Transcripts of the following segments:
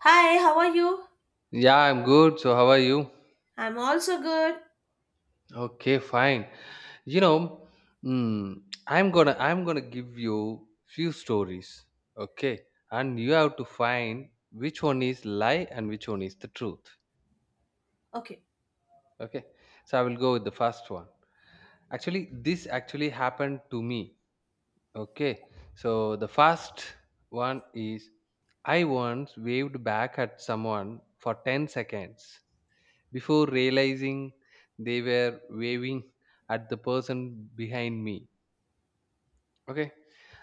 Hi, how are you? Yeah, I'm good. So how are you? I'm also good. Okay, fine. You know, mm, I'm gonna give you few stories. Okay, and you have to find which one is lie and which one is the truth. Okay, Okay, so I will go with the first one. Actually, this actually happened to me. Okay, so the first one is I once waved back at someone for 10 seconds before realizing they were waving at the person behind me. Okay.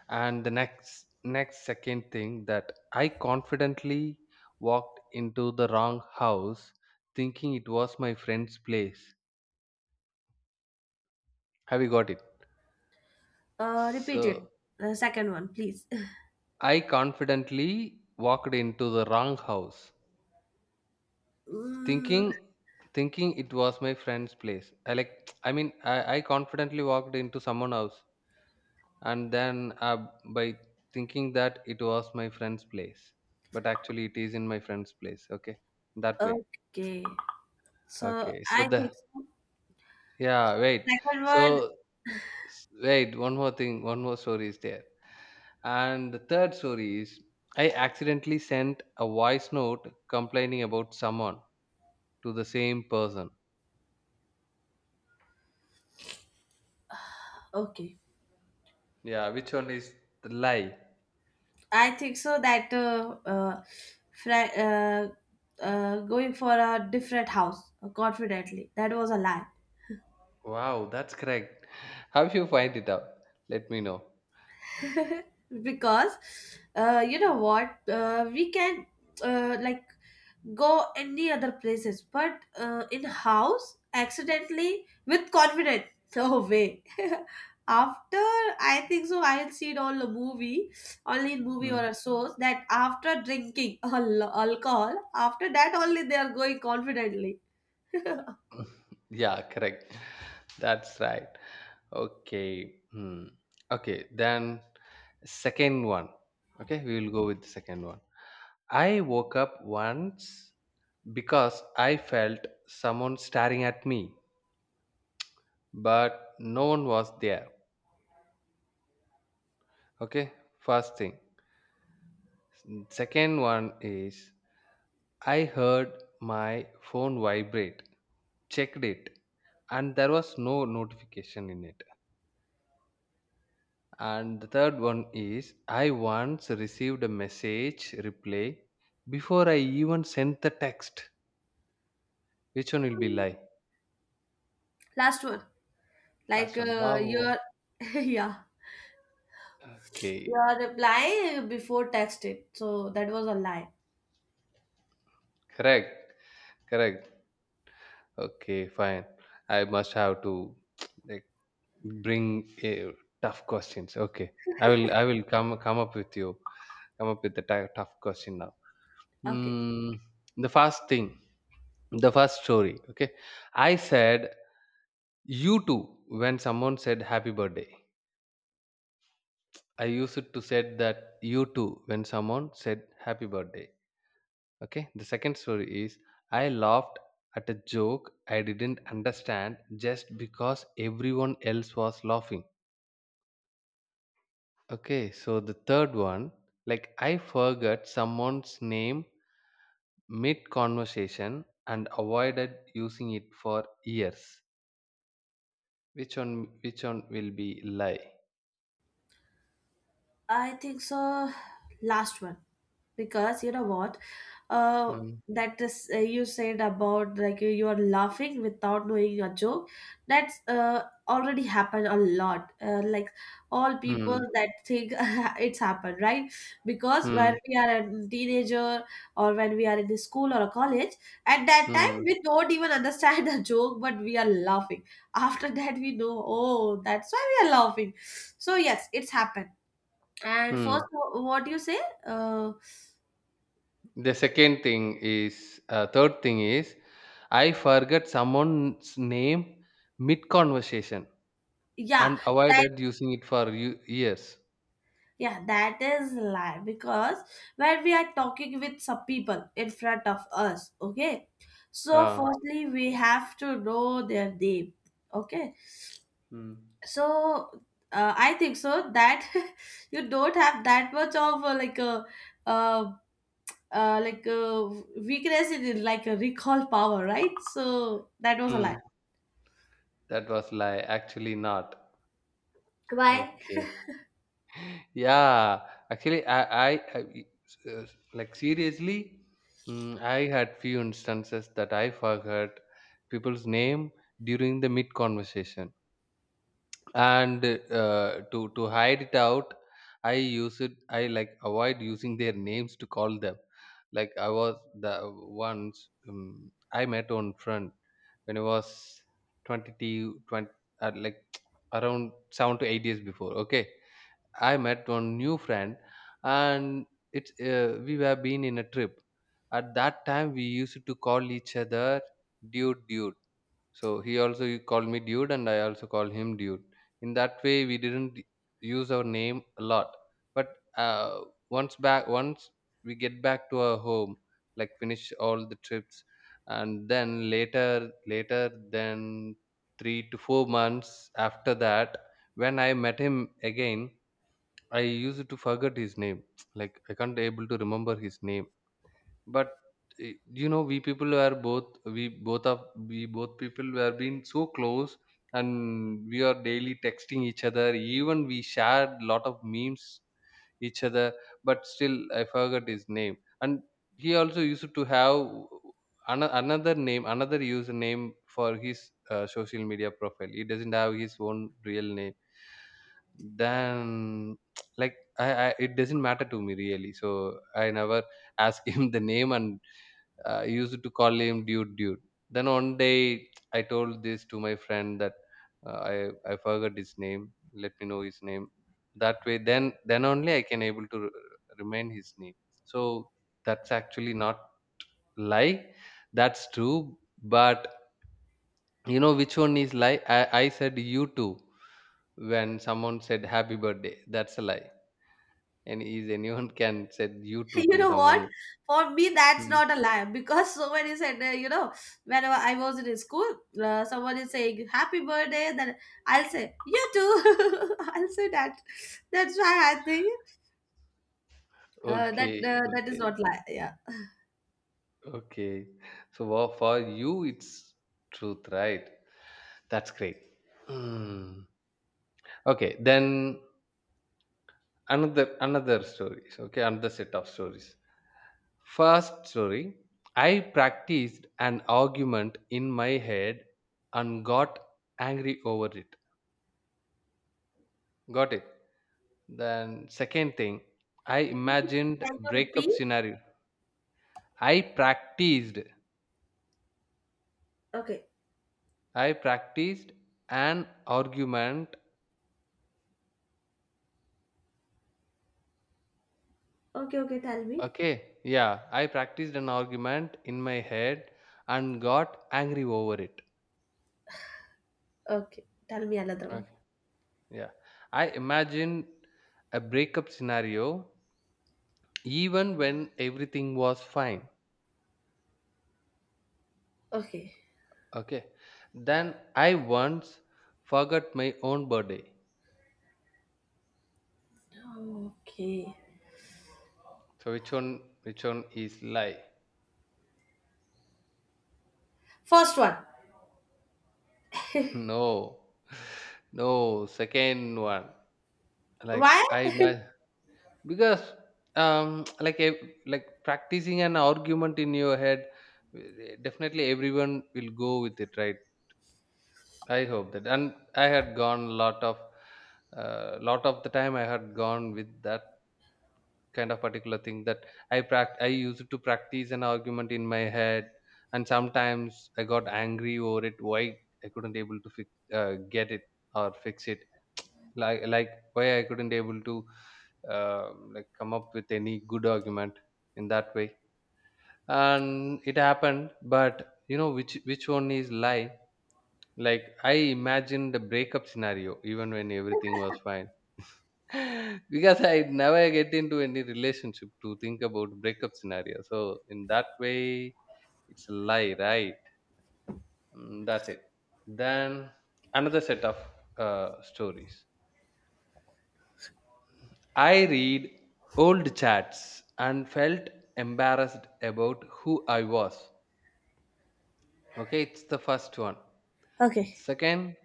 And the next second thing that I confidently walked into the wrong house thinking it was my friend's place. Have you got it? Repeat it. So The second one, please. I confidently walked into the wrong house, Mm, thinking thinking it was my friend's place. I like I mean I confidently walked into someone house, and then by thinking that it was my friend's place, but actually it is in my friend's place. Okay, that way. okay, so Okay, so I the, think so. yeah wait. Second So one, wait, one more thing, one more story is there. And the third story is I accidentally sent a voice note complaining about someone to the same person. okay. Yeah, which one is the lie? I think so that fri- uh, going for a different house confidently, that was a lie. Wow, that's correct. How you find it out, let me know. Because you know what? We can like go any other places but in house accidentally with confidence. No way. After I think so I'll see all the movie only in movie or a source that after drinking alcohol. After that only they are going confidently. Yeah, correct. That's right. Okay. Hmm. Okay, then second one. Okay, we will go with the second one. I woke up once because I felt someone staring at me, but no one was there. Okay, first thing. Second one is I heard my phone vibrate, checked it, and there was no notification in it. And the third one is I once received a message reply before I even sent the text. Which one will be lie? Last one, like Last one. You. Wow. Yeah, Okay. your reply before texting, so that was a lie. Correct. Correct. Okay, fine. I must have to like bring a tough questions. Okay. I will come up with you. Come up with the tough question now. Okay, Hmm. The first thing, the first story. Okay. I said you too when someone said happy birthday. I used it to said that you too when someone said happy birthday. Okay. The second story is I laughed at a joke I didn't understand just because everyone else was laughing. Okay. So the third one, like I forgot someone's name mid conversation and avoided using it for years. Which one? Which one will be lie? I think so. Last one, because you know what, uh, Hmm. that is you said about like you are laughing without knowing your joke. That's already happened a lot. Like all people Hmm. that think it's happened, right? Because when Hmm. we are a teenager or when we are in the school or a college, at that time Hmm. we don't even understand the joke, but we are laughing. After that, we know, oh, that's why we are laughing. So yes, it's happened. And first, Hmm. What you say? Uh, The second thing is, third thing is, I forget someone's name mid conversation yeah, and that avoided using it for years. yeah, that is lie because when we are talking with some people in front of us, okay. So Uh, firstly, we have to know their name, okay. mm, So I think so that you don't have that much of like uh, a weakness in it, like a recall power, right? So that was a lie. mm, that was lie. Actually, not. Why? Okay. Yeah. Actually, I uh, like seriously, mm, I had few instances that I forgot people's name during the mid conversation, and to hide it out, I use it, I like avoid using their names to call them. Like I was the once, I met one friend when I was 22, like around 7 to 8 years before. Okay, I met one new friend, and it's we were been in a trip. At that time we used to call each other dude dude. So he also called me dude, and I also called him dude. In that way, we didn't use our name a lot. But once we get back to our home, like finish all the trips, and then later than 3 to 4 months after that, when I met him again, I used to forget his name. Like I can't able to remember his name. But eh, you know we people were both we both of we both people were being so close, and we are daily texting each other, even we shared lot of memes each other. But still I forgot his name. And he also used to have another name, another username for his social media profile. He doesn't have his own real name. Then like I, it doesn't matter to me really, so I never ask him the name. And I used to call him dude, dude. Then one day I told this to my friend that I forgot his name. Let me know his name. That way, then only I can able to remain his name. So that's actually not lie. That's true. But you know which one is lie? I said you too when someone said happy birthday. That's a lie. And is anyone can said you too You to know what, someone. for me that's Hmm. not a lie because someone is said whenever I was in school, someone is saying happy birthday, then I'll say you too. I'll say that, that's why I think that Okay, that is okay. not lie, yeah. Okay. So for you, it's truth, right? That's great. Mm. Okay. Then another stories. Okay, another set of stories. First story. I practiced an argument in my head and got angry over it. Got it. Then second thing, I imagined Can you repeat? breakup scenario. I practiced. Okay. I practiced an argument. Okay. Okay, tell me. Okay, yeah, I practiced an argument in my head and got angry over it. Okay, tell me another one. Okay, yeah, I imagined a breakup scenario even when everything was fine. Okay. Okay, then I once forgot my own birthday. Okay, So which one? Which one is lie? first one. No, no, second one. Like Why? I imagine. Because like like practicing an argument in your head, eh, definitely everyone will go with it, right? I hope that. And I had gone a lot of, lot of the time I had gone with that kind of particular thing. That I used to practice an argument in my head, and sometimes I got angry over it. Why I couldn't able to fix, get it or fix it. Like why I couldn't able to uh, like come up with any good argument in that way. And it happened. But you know which one is lie? Like I imagined the breakup scenario even when everything was fine. Because I never get into any relationship to think about breakup scenario. So in that way, it's a lie, right? Mm, that's it. Then another set of stories. I read old chats and felt embarrassed about who I was. Okay, it's the first one. Okay. Second,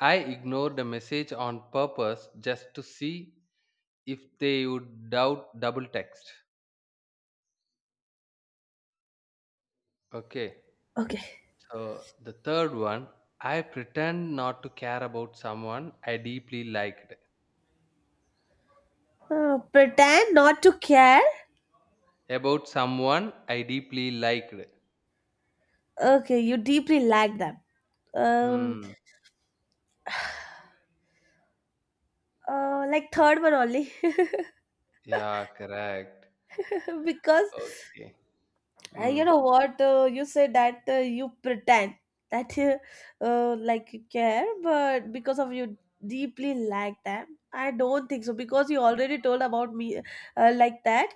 I ignored a message on purpose just to see if they would doubt double text. Okay, Okay, so the third one, I pretend not to care about someone I deeply liked. Pretend not to care. About someone I deeply liked. Okay, you deeply like them. Um, Hmm. like third one only. Yeah, correct. Because Okay. You Hmm. know what, you say that you pretend that like you care, but because of you deeply like them, I don't think so. Because you already told about me like that,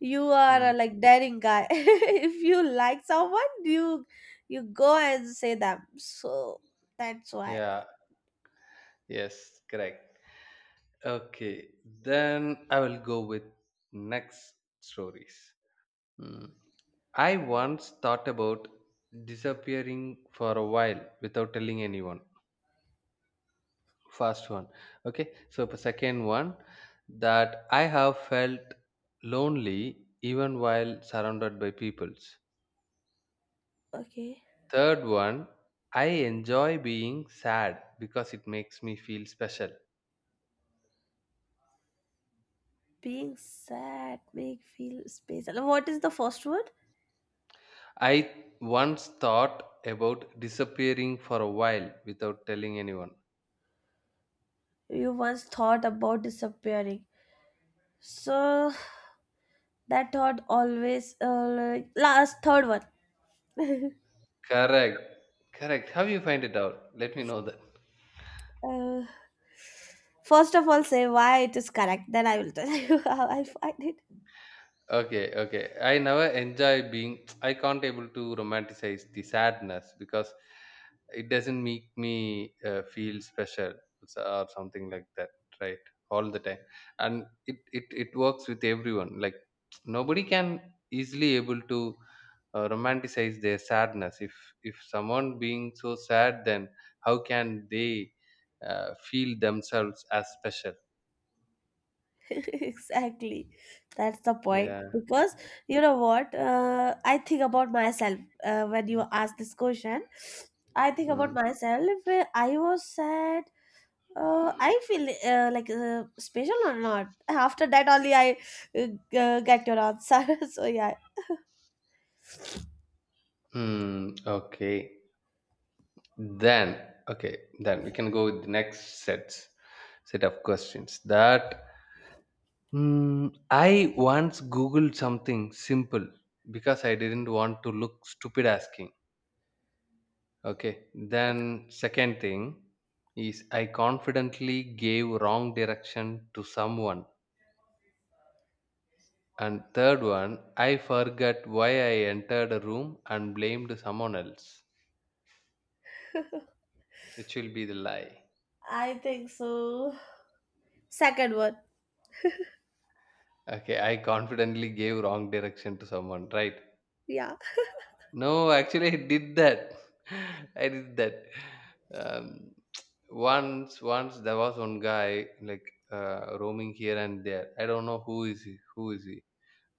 you are Hmm. Like daring guy. If you like someone, you go and say them. So that's why. Yeah. Yes, correct. Okay, then I will go with next stories. Hmm. I once thought about disappearing for a while without telling anyone. First one. Okay, so the second one, that I have felt lonely even while surrounded by peoples. Okay. Third one, I enjoy being sad because it makes me feel special. Being sad make feel space. And what is the first word? I once thought about disappearing for a while without telling anyone. You once thought about disappearing. So that thought always last third one. Correct. Correct. How you find it out? Let me know that. Uh, First of all, say why it is correct. Then I will tell you how I find it. Okay, okay. I never enjoy being. I can't able to romanticize the sadness because it doesn't make me feel special or something like that, right? All the time, and it works with everyone. Like nobody can easily able to romanticize their sadness. If someone being so sad, then how can they feel themselves as special? Exactly, that's the point. Yeah. Because you know what? I think about myself when you ask this question. I think about Mm. myself. I was sad. I feel like special or not. After that, only I uh, get your answer. So yeah, Hmm. Okay. Then, okay, then we can go with the next set of questions. That mm, I once googled something simple because I didn't want to look stupid asking. Okay, then second thing is I confidently gave wrong direction to someone. And third one, I forgot why I entered a room and blamed someone else, which will be the lie. I think so. Second one, Okay, I confidently gave wrong direction to someone, right? yeah. No, actually, I did that. I did that. Um, once there was one guy like roaming here and there. I don't know who is he. Who is he?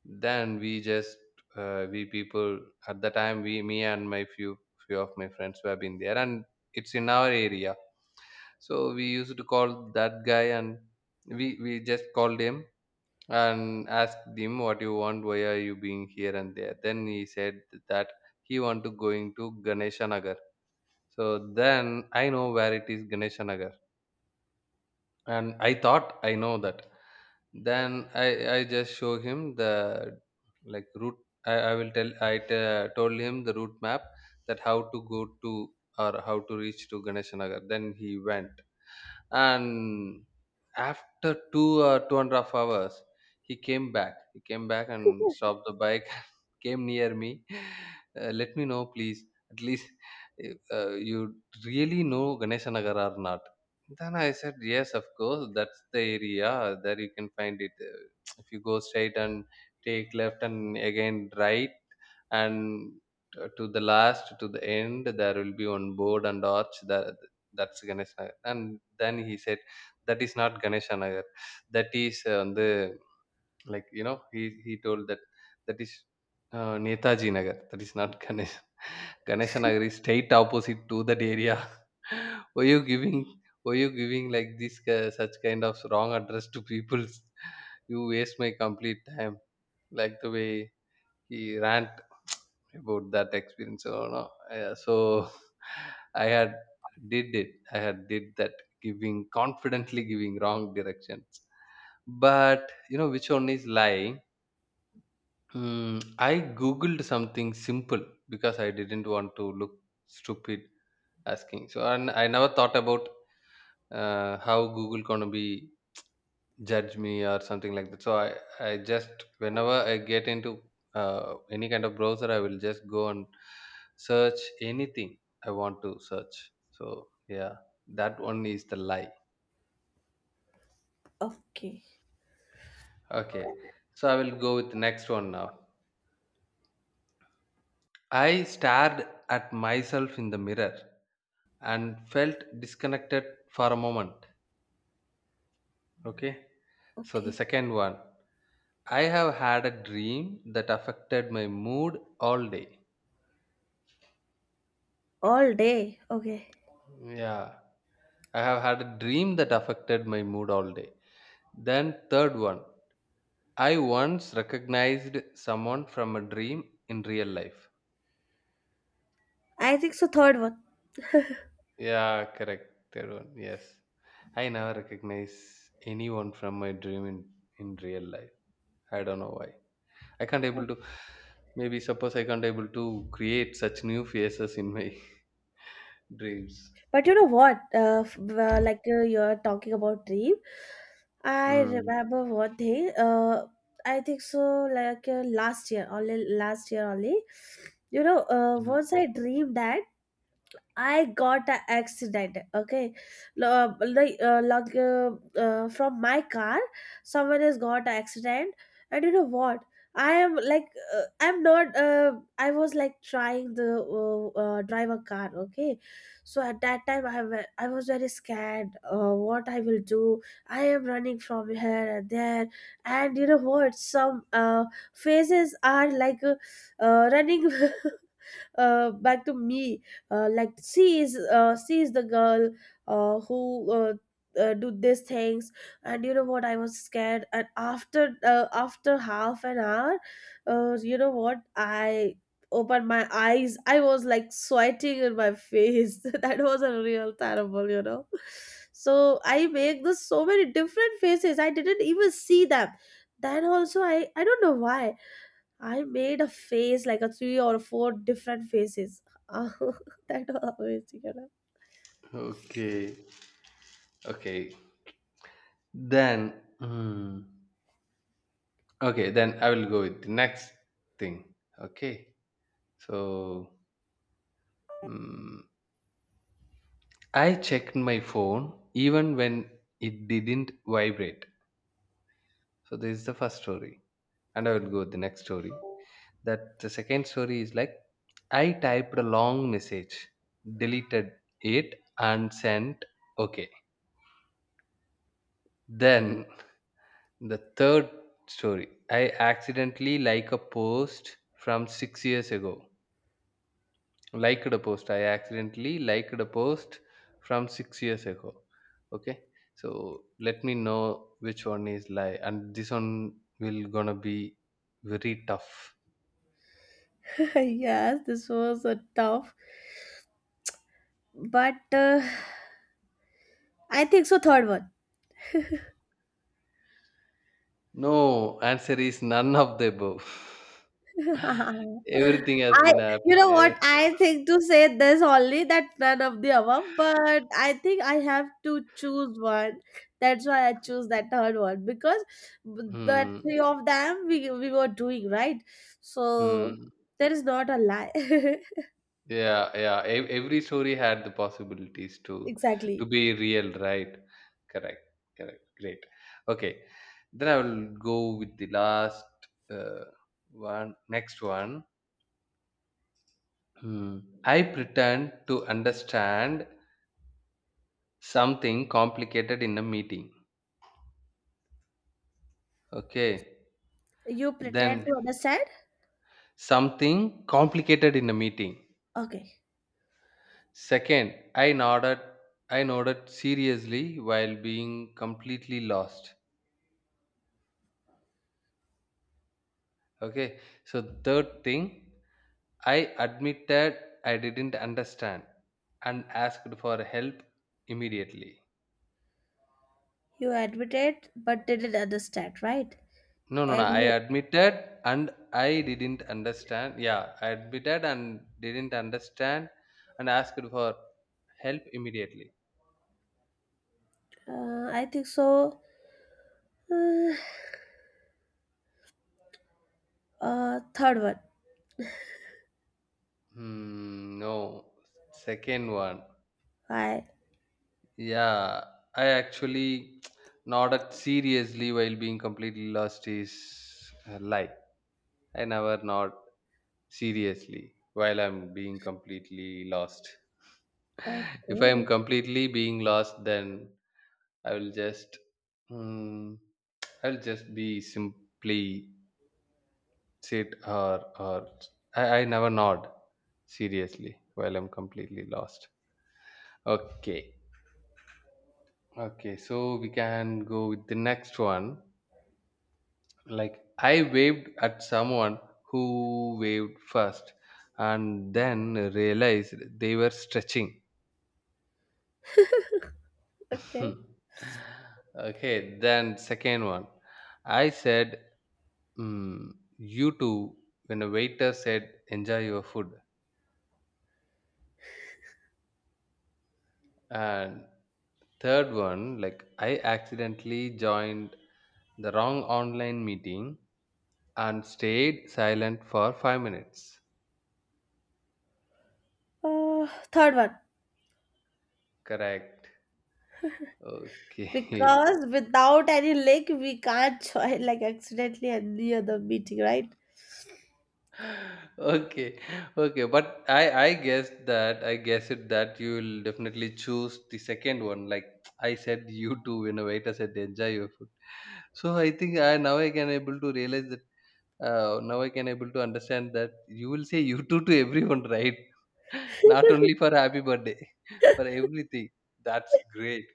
Then we just we people at the time we me and my few of my friends who have been there, and it's in our area. So we used to call that guy, and we just called him and asked him what you want, why are you being here and there. Then he said that he want to going to ganeshanagar. So then I know where it is ganeshanagar, and I thought I know that. Then I just show him the like route. I, I will tell I told him the route map, that how to go to or how to reach to ganeshanagar. Then he went, and after 2 or 2.5 hours he came back. He came back and stopped the bike, came near me. Let me know please at least, you really know ganesanagar or not. Then I said yes, of course, that's the area. There you can find it. If you go straight and take left and again right, and to the last to the end, there will be one board and arch there. That's Ganesh Nagar. And then he said that is not Ganesha Nagar. That is வந்து like you know he he told that that is a Netaji Nagar. தட் Ganesha Nagar is straight opposite to that area. why you giving why you giving like this such kind of wrong address to people? You waste my complete time. Like the way he rant about that experience or no. Yeah, so I had did it. I had did that, giving confidently giving wrong directions. But you know which one is lying? I googled something simple because I didn't want to look stupid asking. So, and I never thought about how Google gonna be judge me or something like that. So I just whenever I get into any kind of browser, I will just go and search anything I want to search. So yeah, that one is the lie. Okay, Okay, so I will go with the next one now. I stared at myself in the mirror and felt disconnected for a moment. Okay, so the okay. second one, I have had a dream that affected my mood all day. All day, okay. Yeah, I have had a dream that affected my mood all day. Then, third one, I once recognized someone from a dream in real life. I think so. Third one. Yeah, correct. Third one, yes. I never recognize anyone from my dream in real life. I don't know why. I can't able to, maybe suppose I can't able to create such new faces in my dreams. But you know what? Like you're talking about dream. I Hmm. remember one thing. I think so. Like last year, only last year only. You know, Mm. once I dreamed that I got an accident. Okay, Lo- like uh, like uh, from my car, someone has got an accident, and you know what? I am like I'm not. I was like trying the drive a car. Okay, so at that time I was very scared. What I will do? I am running from here and there, and you know what? Some faces are like running back to me like she is the girl who do these things. And you know what, I was scared, and after half an hour you know what, I opened my eyes. I was like sweating in my face. That was a real terrible, you know. So I make this so many different faces, I didn't even see them. Then also, I don't know why I made a face like a three or four different faces. That was amazing. Okay. Okay. Then, hmm. Okay, then I will go with the next thing. Okay, so mm, I checked my phone even when it didn't vibrate. So this is the first story, and I will go with the next story. That the second story is like I typed a long message, deleted it, and sent. Okay. Then the third story, I accidentally like a post from 6 years ago liked a post. I accidentally liked a post from 6 years ago. Okay, so let me know which one is lie, and this one will gonna be very tough. Yes, this was a tough, but I think so. Third one. No, answer is none of the above. Everything has I, been up. you know ev- what? I think to say this only that none of the above, but I think I have to choose one. That's why I choose that third one because the hmm, three of them we were doing right. So hmm. there is not a lie. Yeah, yeah. Every story had the possibilities to Exactly. be real, right? Correct, correct. Great. Okay, then I will go with the last uh, one. Next one. Hmm. I pretend to understand something complicated in a meeting. Okay, You pretend then to understand? something complicated in a meeting. Okay. Second, I nodded seriously while being completely lost. Okay, so third thing, I admitted I didn't understand and asked for help immediately. You admitted but didn't understand, right? No, no, no, I And admitted and I didn't understand. Yeah, I admitted and didn't understand and asked for help immediately. I think so. Uh, Third one. Hmm, no, second one. I, Yeah, I actually nodded seriously while being completely lost is a lie. I never nod seriously while I'm being completely lost. If I am okay. completely being lost, then I will just mm, I'll just be simply sit, or I never nod seriously while I'm completely lost. Okay. Okay, so we can go with the next one. Like, I waved at someone who waved first and then realized they were stretching. Okay. Hmm. Okay, then second one. I said, mm, you too, when a waiter said, enjoy your food. And third one, like, I accidentally joined the wrong online meeting and stayed silent for 5 minutes. Uh, Third one. Correct. Okay. Because without any link, we can't join like accidentally any other meeting, right? Okay. Okay, but I guess that, I guess it, that you will definitely choose the second one, like I said, you too, when a waiter said enjoy your food. So I think I, now I can able to realize that, now I can able to understand that you will say you too to everyone, right? Not only for happy birthday, for everything. That's great.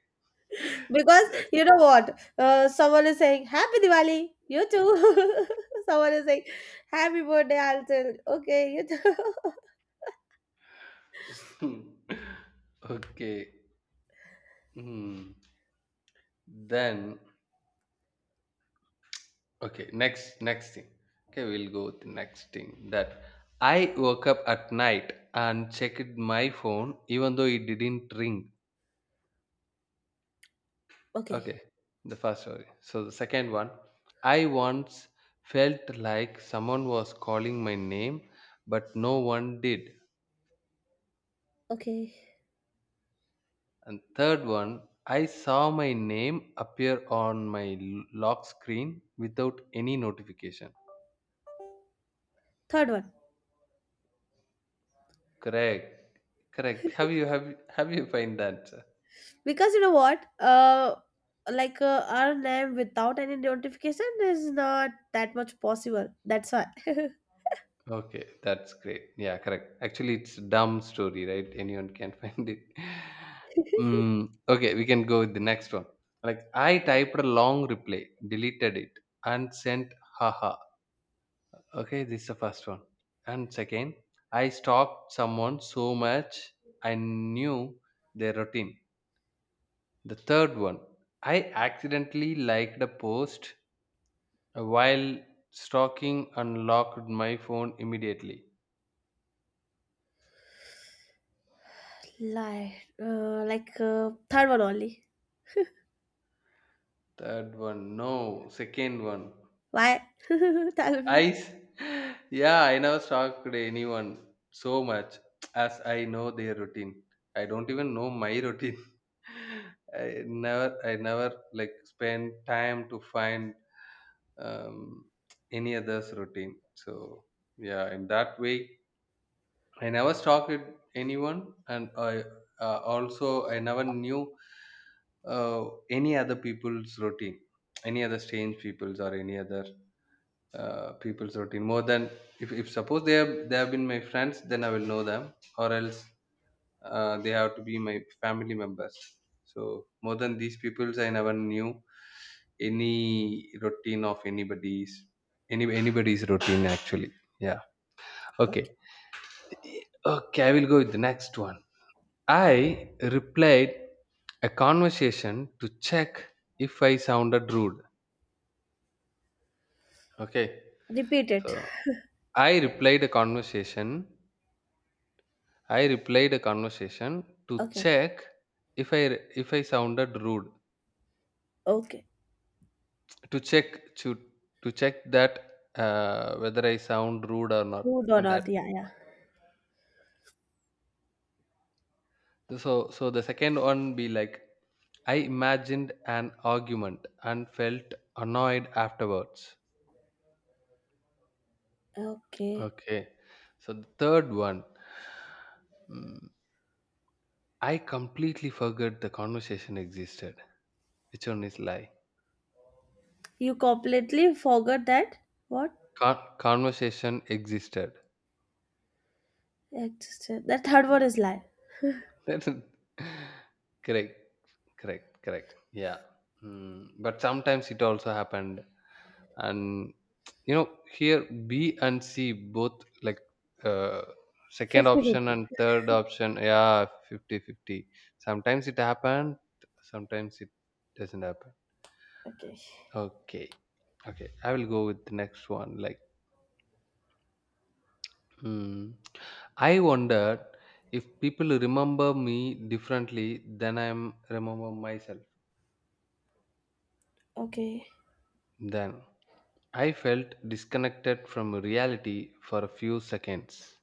Because That's… you know what? Someone is saying, Happy Diwali, you too. Someone is saying, Happy birthday, I'll tell, okay, you too. Okay. Hmm. Then, okay, next thing. Okay, we'll go with the next thing, that I woke up at night and checked my phone even though it didn't ring. Okay, Okay, the first story. So the second one, I once felt like someone was calling my name, but no one did. okay. And third one, I saw my name appear on my lock screen without any notification. Third one. Correct, correct. Have you, have you find that? Because you know what? Like our name without any notification is not that much possible. That's why. Okay, that's great. Yeah, correct. Actually, it's dumb story, right? Anyone can find it. Okay, we can go with the next one. Like, I typed a long reply, deleted it, and sent haha. Okay, this is the first one. And second, I stalked someone so much I knew their routine. The third one, I accidentally liked a post while stalking, and locked my phone immediately. Lie. Like third one only. Third one, no. Second one. Why? Tell I. me. s- Yeah, I never talked to anyone so much as I know their routine. I don't even know my routine. I never like spend time to find um, any other's routine. So yeah, in that way, I never stalked anyone, and I, also I never knew uh, any other people's routine, any other strange people's or any other people's routine more than, if suppose they have, been my friends, then I will know them, or else they have to be my family members. So more than these peoples I never knew any routine of anybody's any anybody's routine actually. Yeah. Okay. Okay. Okay, I will go with the next one. I replied a conversation to check if I sounded rude okay Repeat so it. I replied a conversation… to Okay. check if I sounded rude. Okay. To check to to check that whether I sound rude or not Food or in that. not? Yeah, yeah. So, so the second one be like, I imagined an argument and felt annoyed afterwards. Okay. Okay. So the third one, mm, I completely forgot the conversation existed. Which one is lie? You completely forgot that what Conversation existed. existed. That third word is life. Then— Correct, correct, correct. Yeah. Mm. But sometimes it also happened. And you know, here B and C both like uh, second Fifty option fifty. and third option. Yeah, 50 50. Sometimes it happened, sometimes it doesn't happen. Okay. Okay. Okay, I will go with the next one. Like, hmm. I wondered if people remember me differently than I am remember myself. Okay. Then, I felt disconnected from reality for a few seconds.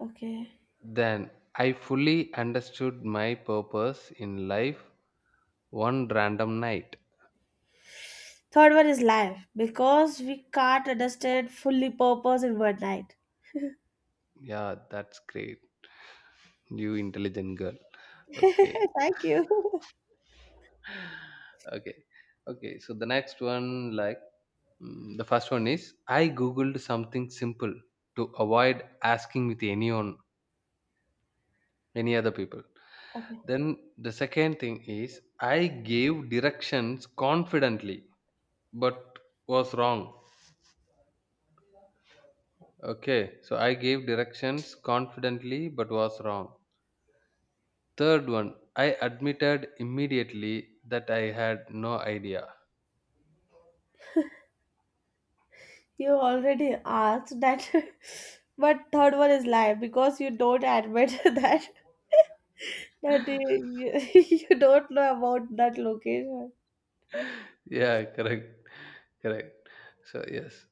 Okay. Then, I fully understood my purpose in life one random night. Third word is life because we can't understand fully purpose in one night. Yeah, that's great. You intelligent girl. Okay. Thank you. Okay. Okay, so the next one, like, the first one is I Googled something simple to avoid asking with anyone, any other people. Okay. Then the second thing is I gave directions confidently but was wrong. Okay, so I gave directions confidently but was wrong. Third one, I admitted immediately that I had no idea. You already asked that, but third one is life because you don't admit that you don't know about that location. Yeah, correct, correct. So, yes,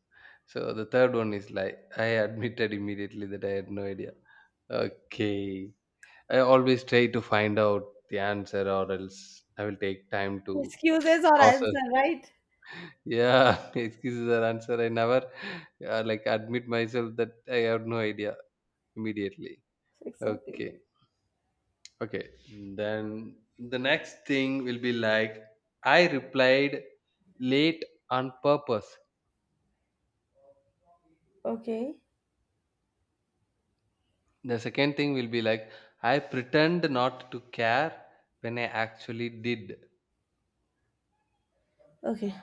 so the third one is like I admitted immediately that I had no idea. Okay, I always try to find out the answer, or else I will take time to Excuses or process. answer, right? Yeah, excuses the answer. I never like admit myself that I have no idea immediately. Exactly. Okay, okay. Then the next thing will be like I replied late on purpose. Okay. The second thing will be like I pretend not to care when I actually did. Okay.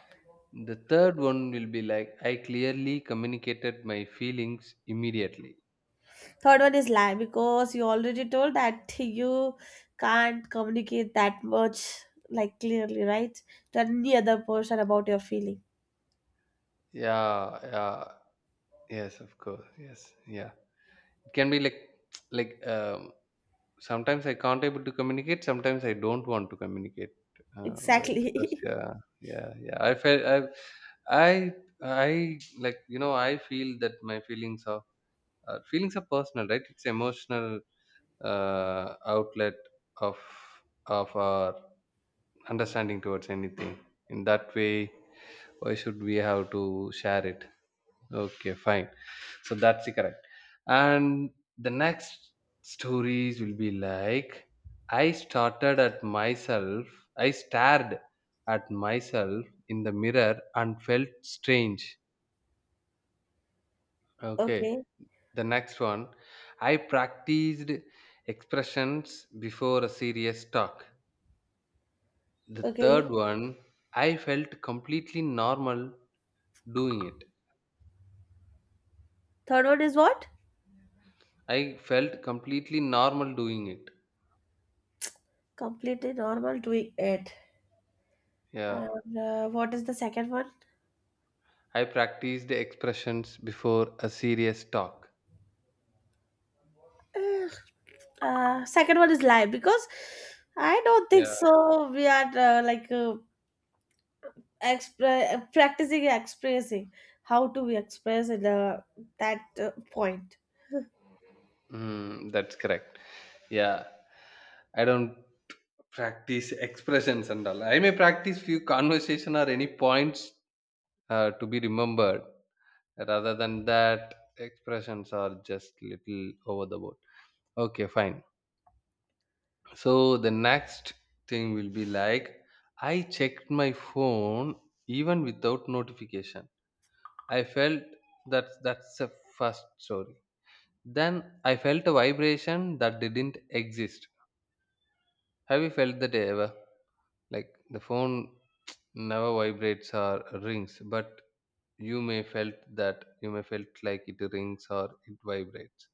The third one will be like I clearly communicated my feelings immediately. Third one is lie because you already told that you can't communicate that much like clearly, right? To any other person about your feeling. Yeah, yeah, yes, of course, yes, yeah. It can be like, like, um, sometimes I can't able to communicate, sometimes I don't want to communicate, but because Exactly. yeah, yeah, yeah. I I like, you know, I feel that my feelings are, feelings are personal, right? It's emotional, outlet of our understanding towards anything. In that way, why should we have to share it? Okay, fine. So that's the correct. And the next stories will be like, i started at myself I stared at myself in the mirror and felt strange. Okay, Okay. the next one, I practiced expressions before a serious talk. The third Okay. one, I felt completely normal doing it. Third one is what? I felt completely normal doing it. Completely normal doing it. Yeah. And what is the second one? I practiced expressions before a serious talk. Ugh. Second one is lie because I don't think Yeah. so. We are like practicing expressing how to we express in that point. Mm, that's correct. Yeah. I don't practice expressions and all. I may practice few conversation or any points to be remembered. Rather than that, expressions are just little over the board. Okay, fine. So the next thing will be like, I checked my phone even without notification. I felt that, that's the first story. Then, I felt a vibration that didn't exist. Have you felt that ever? Like, the phone never vibrates or rings, but you may felt that, you may felt like it rings or it vibrates.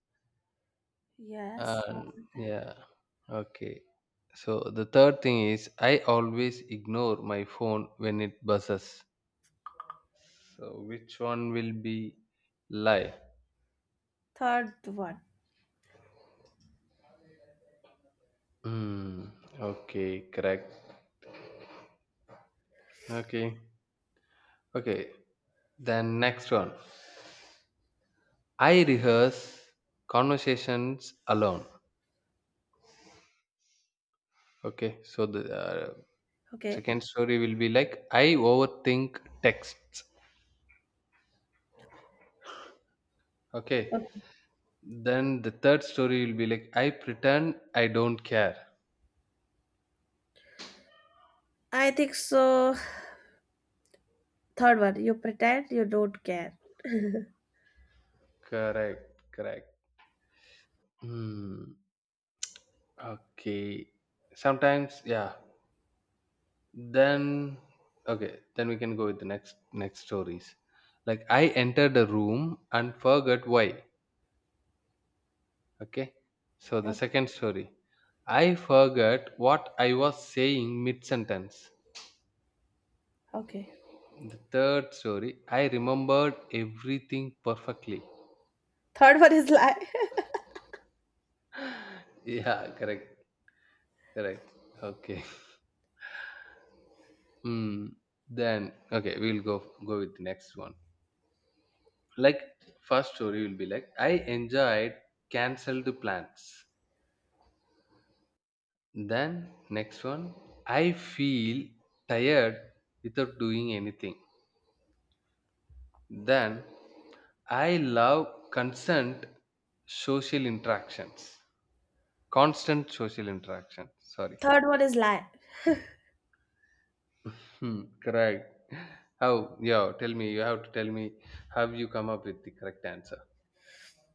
Yes. And yeah, okay. So the third thing is I always ignore my phone when it buzzes. So which one will be lie? Third one. Hmm. Okay, correct. Okay. Okay. Then next one. I rehearse conversations alone. Okay. So the Okay. second story will be like I overthink texts. Okay. Okay. Then the third story will be like I pretend I don't care. I think so. Third one. You pretend you don't care. Correct. Correct. Hmm. Okay. Sometimes, yeah. Then okay. Then we can go with the next stories. Like, I entered a room and forgot why. Okay. So the Oh, second story, I forgot what I was saying mid sentence. okay. The third story, I remembered everything perfectly. Third one is lie. Yeah, correct. Correct. Okay. Hmm. Then okay, we'll go with the next one. Like, first story will be like I enjoyed cancelled plans. Then next one, I feel tired without doing anything. Then I love social interactions, constant social interaction. Sorry. Third one is lie. Hmm, correct. How? Yeah, tell me. You have to tell me. Have you come up with the correct answer?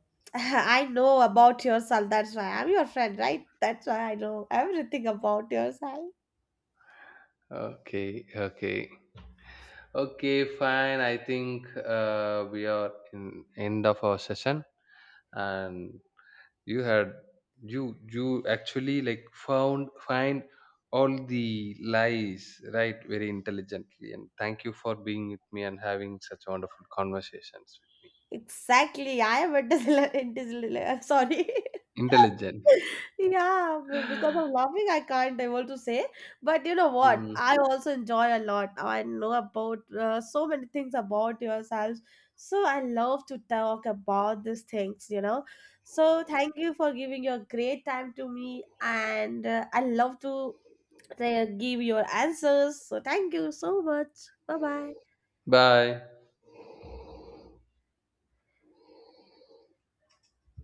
I know about yourself. That's why I'm your friend, right? That's why I know everything about yourself. Okay, okay, okay. Fine. I think we are in end of our session, and you had, you actually like found find all the lies right very intelligently, and thank you for being with me and having such wonderful conversations. Exactly. I am a Disneyland in Sorry. Intelligent. Yeah, because of laughing, I can't able to say. But you know what? Mm. I also enjoy a lot. I know about so many things about yourselves. So I love to talk about these things. So thank you for giving your great time to me, and I love to give your answers. So thank you so much. Bye bye. Bye.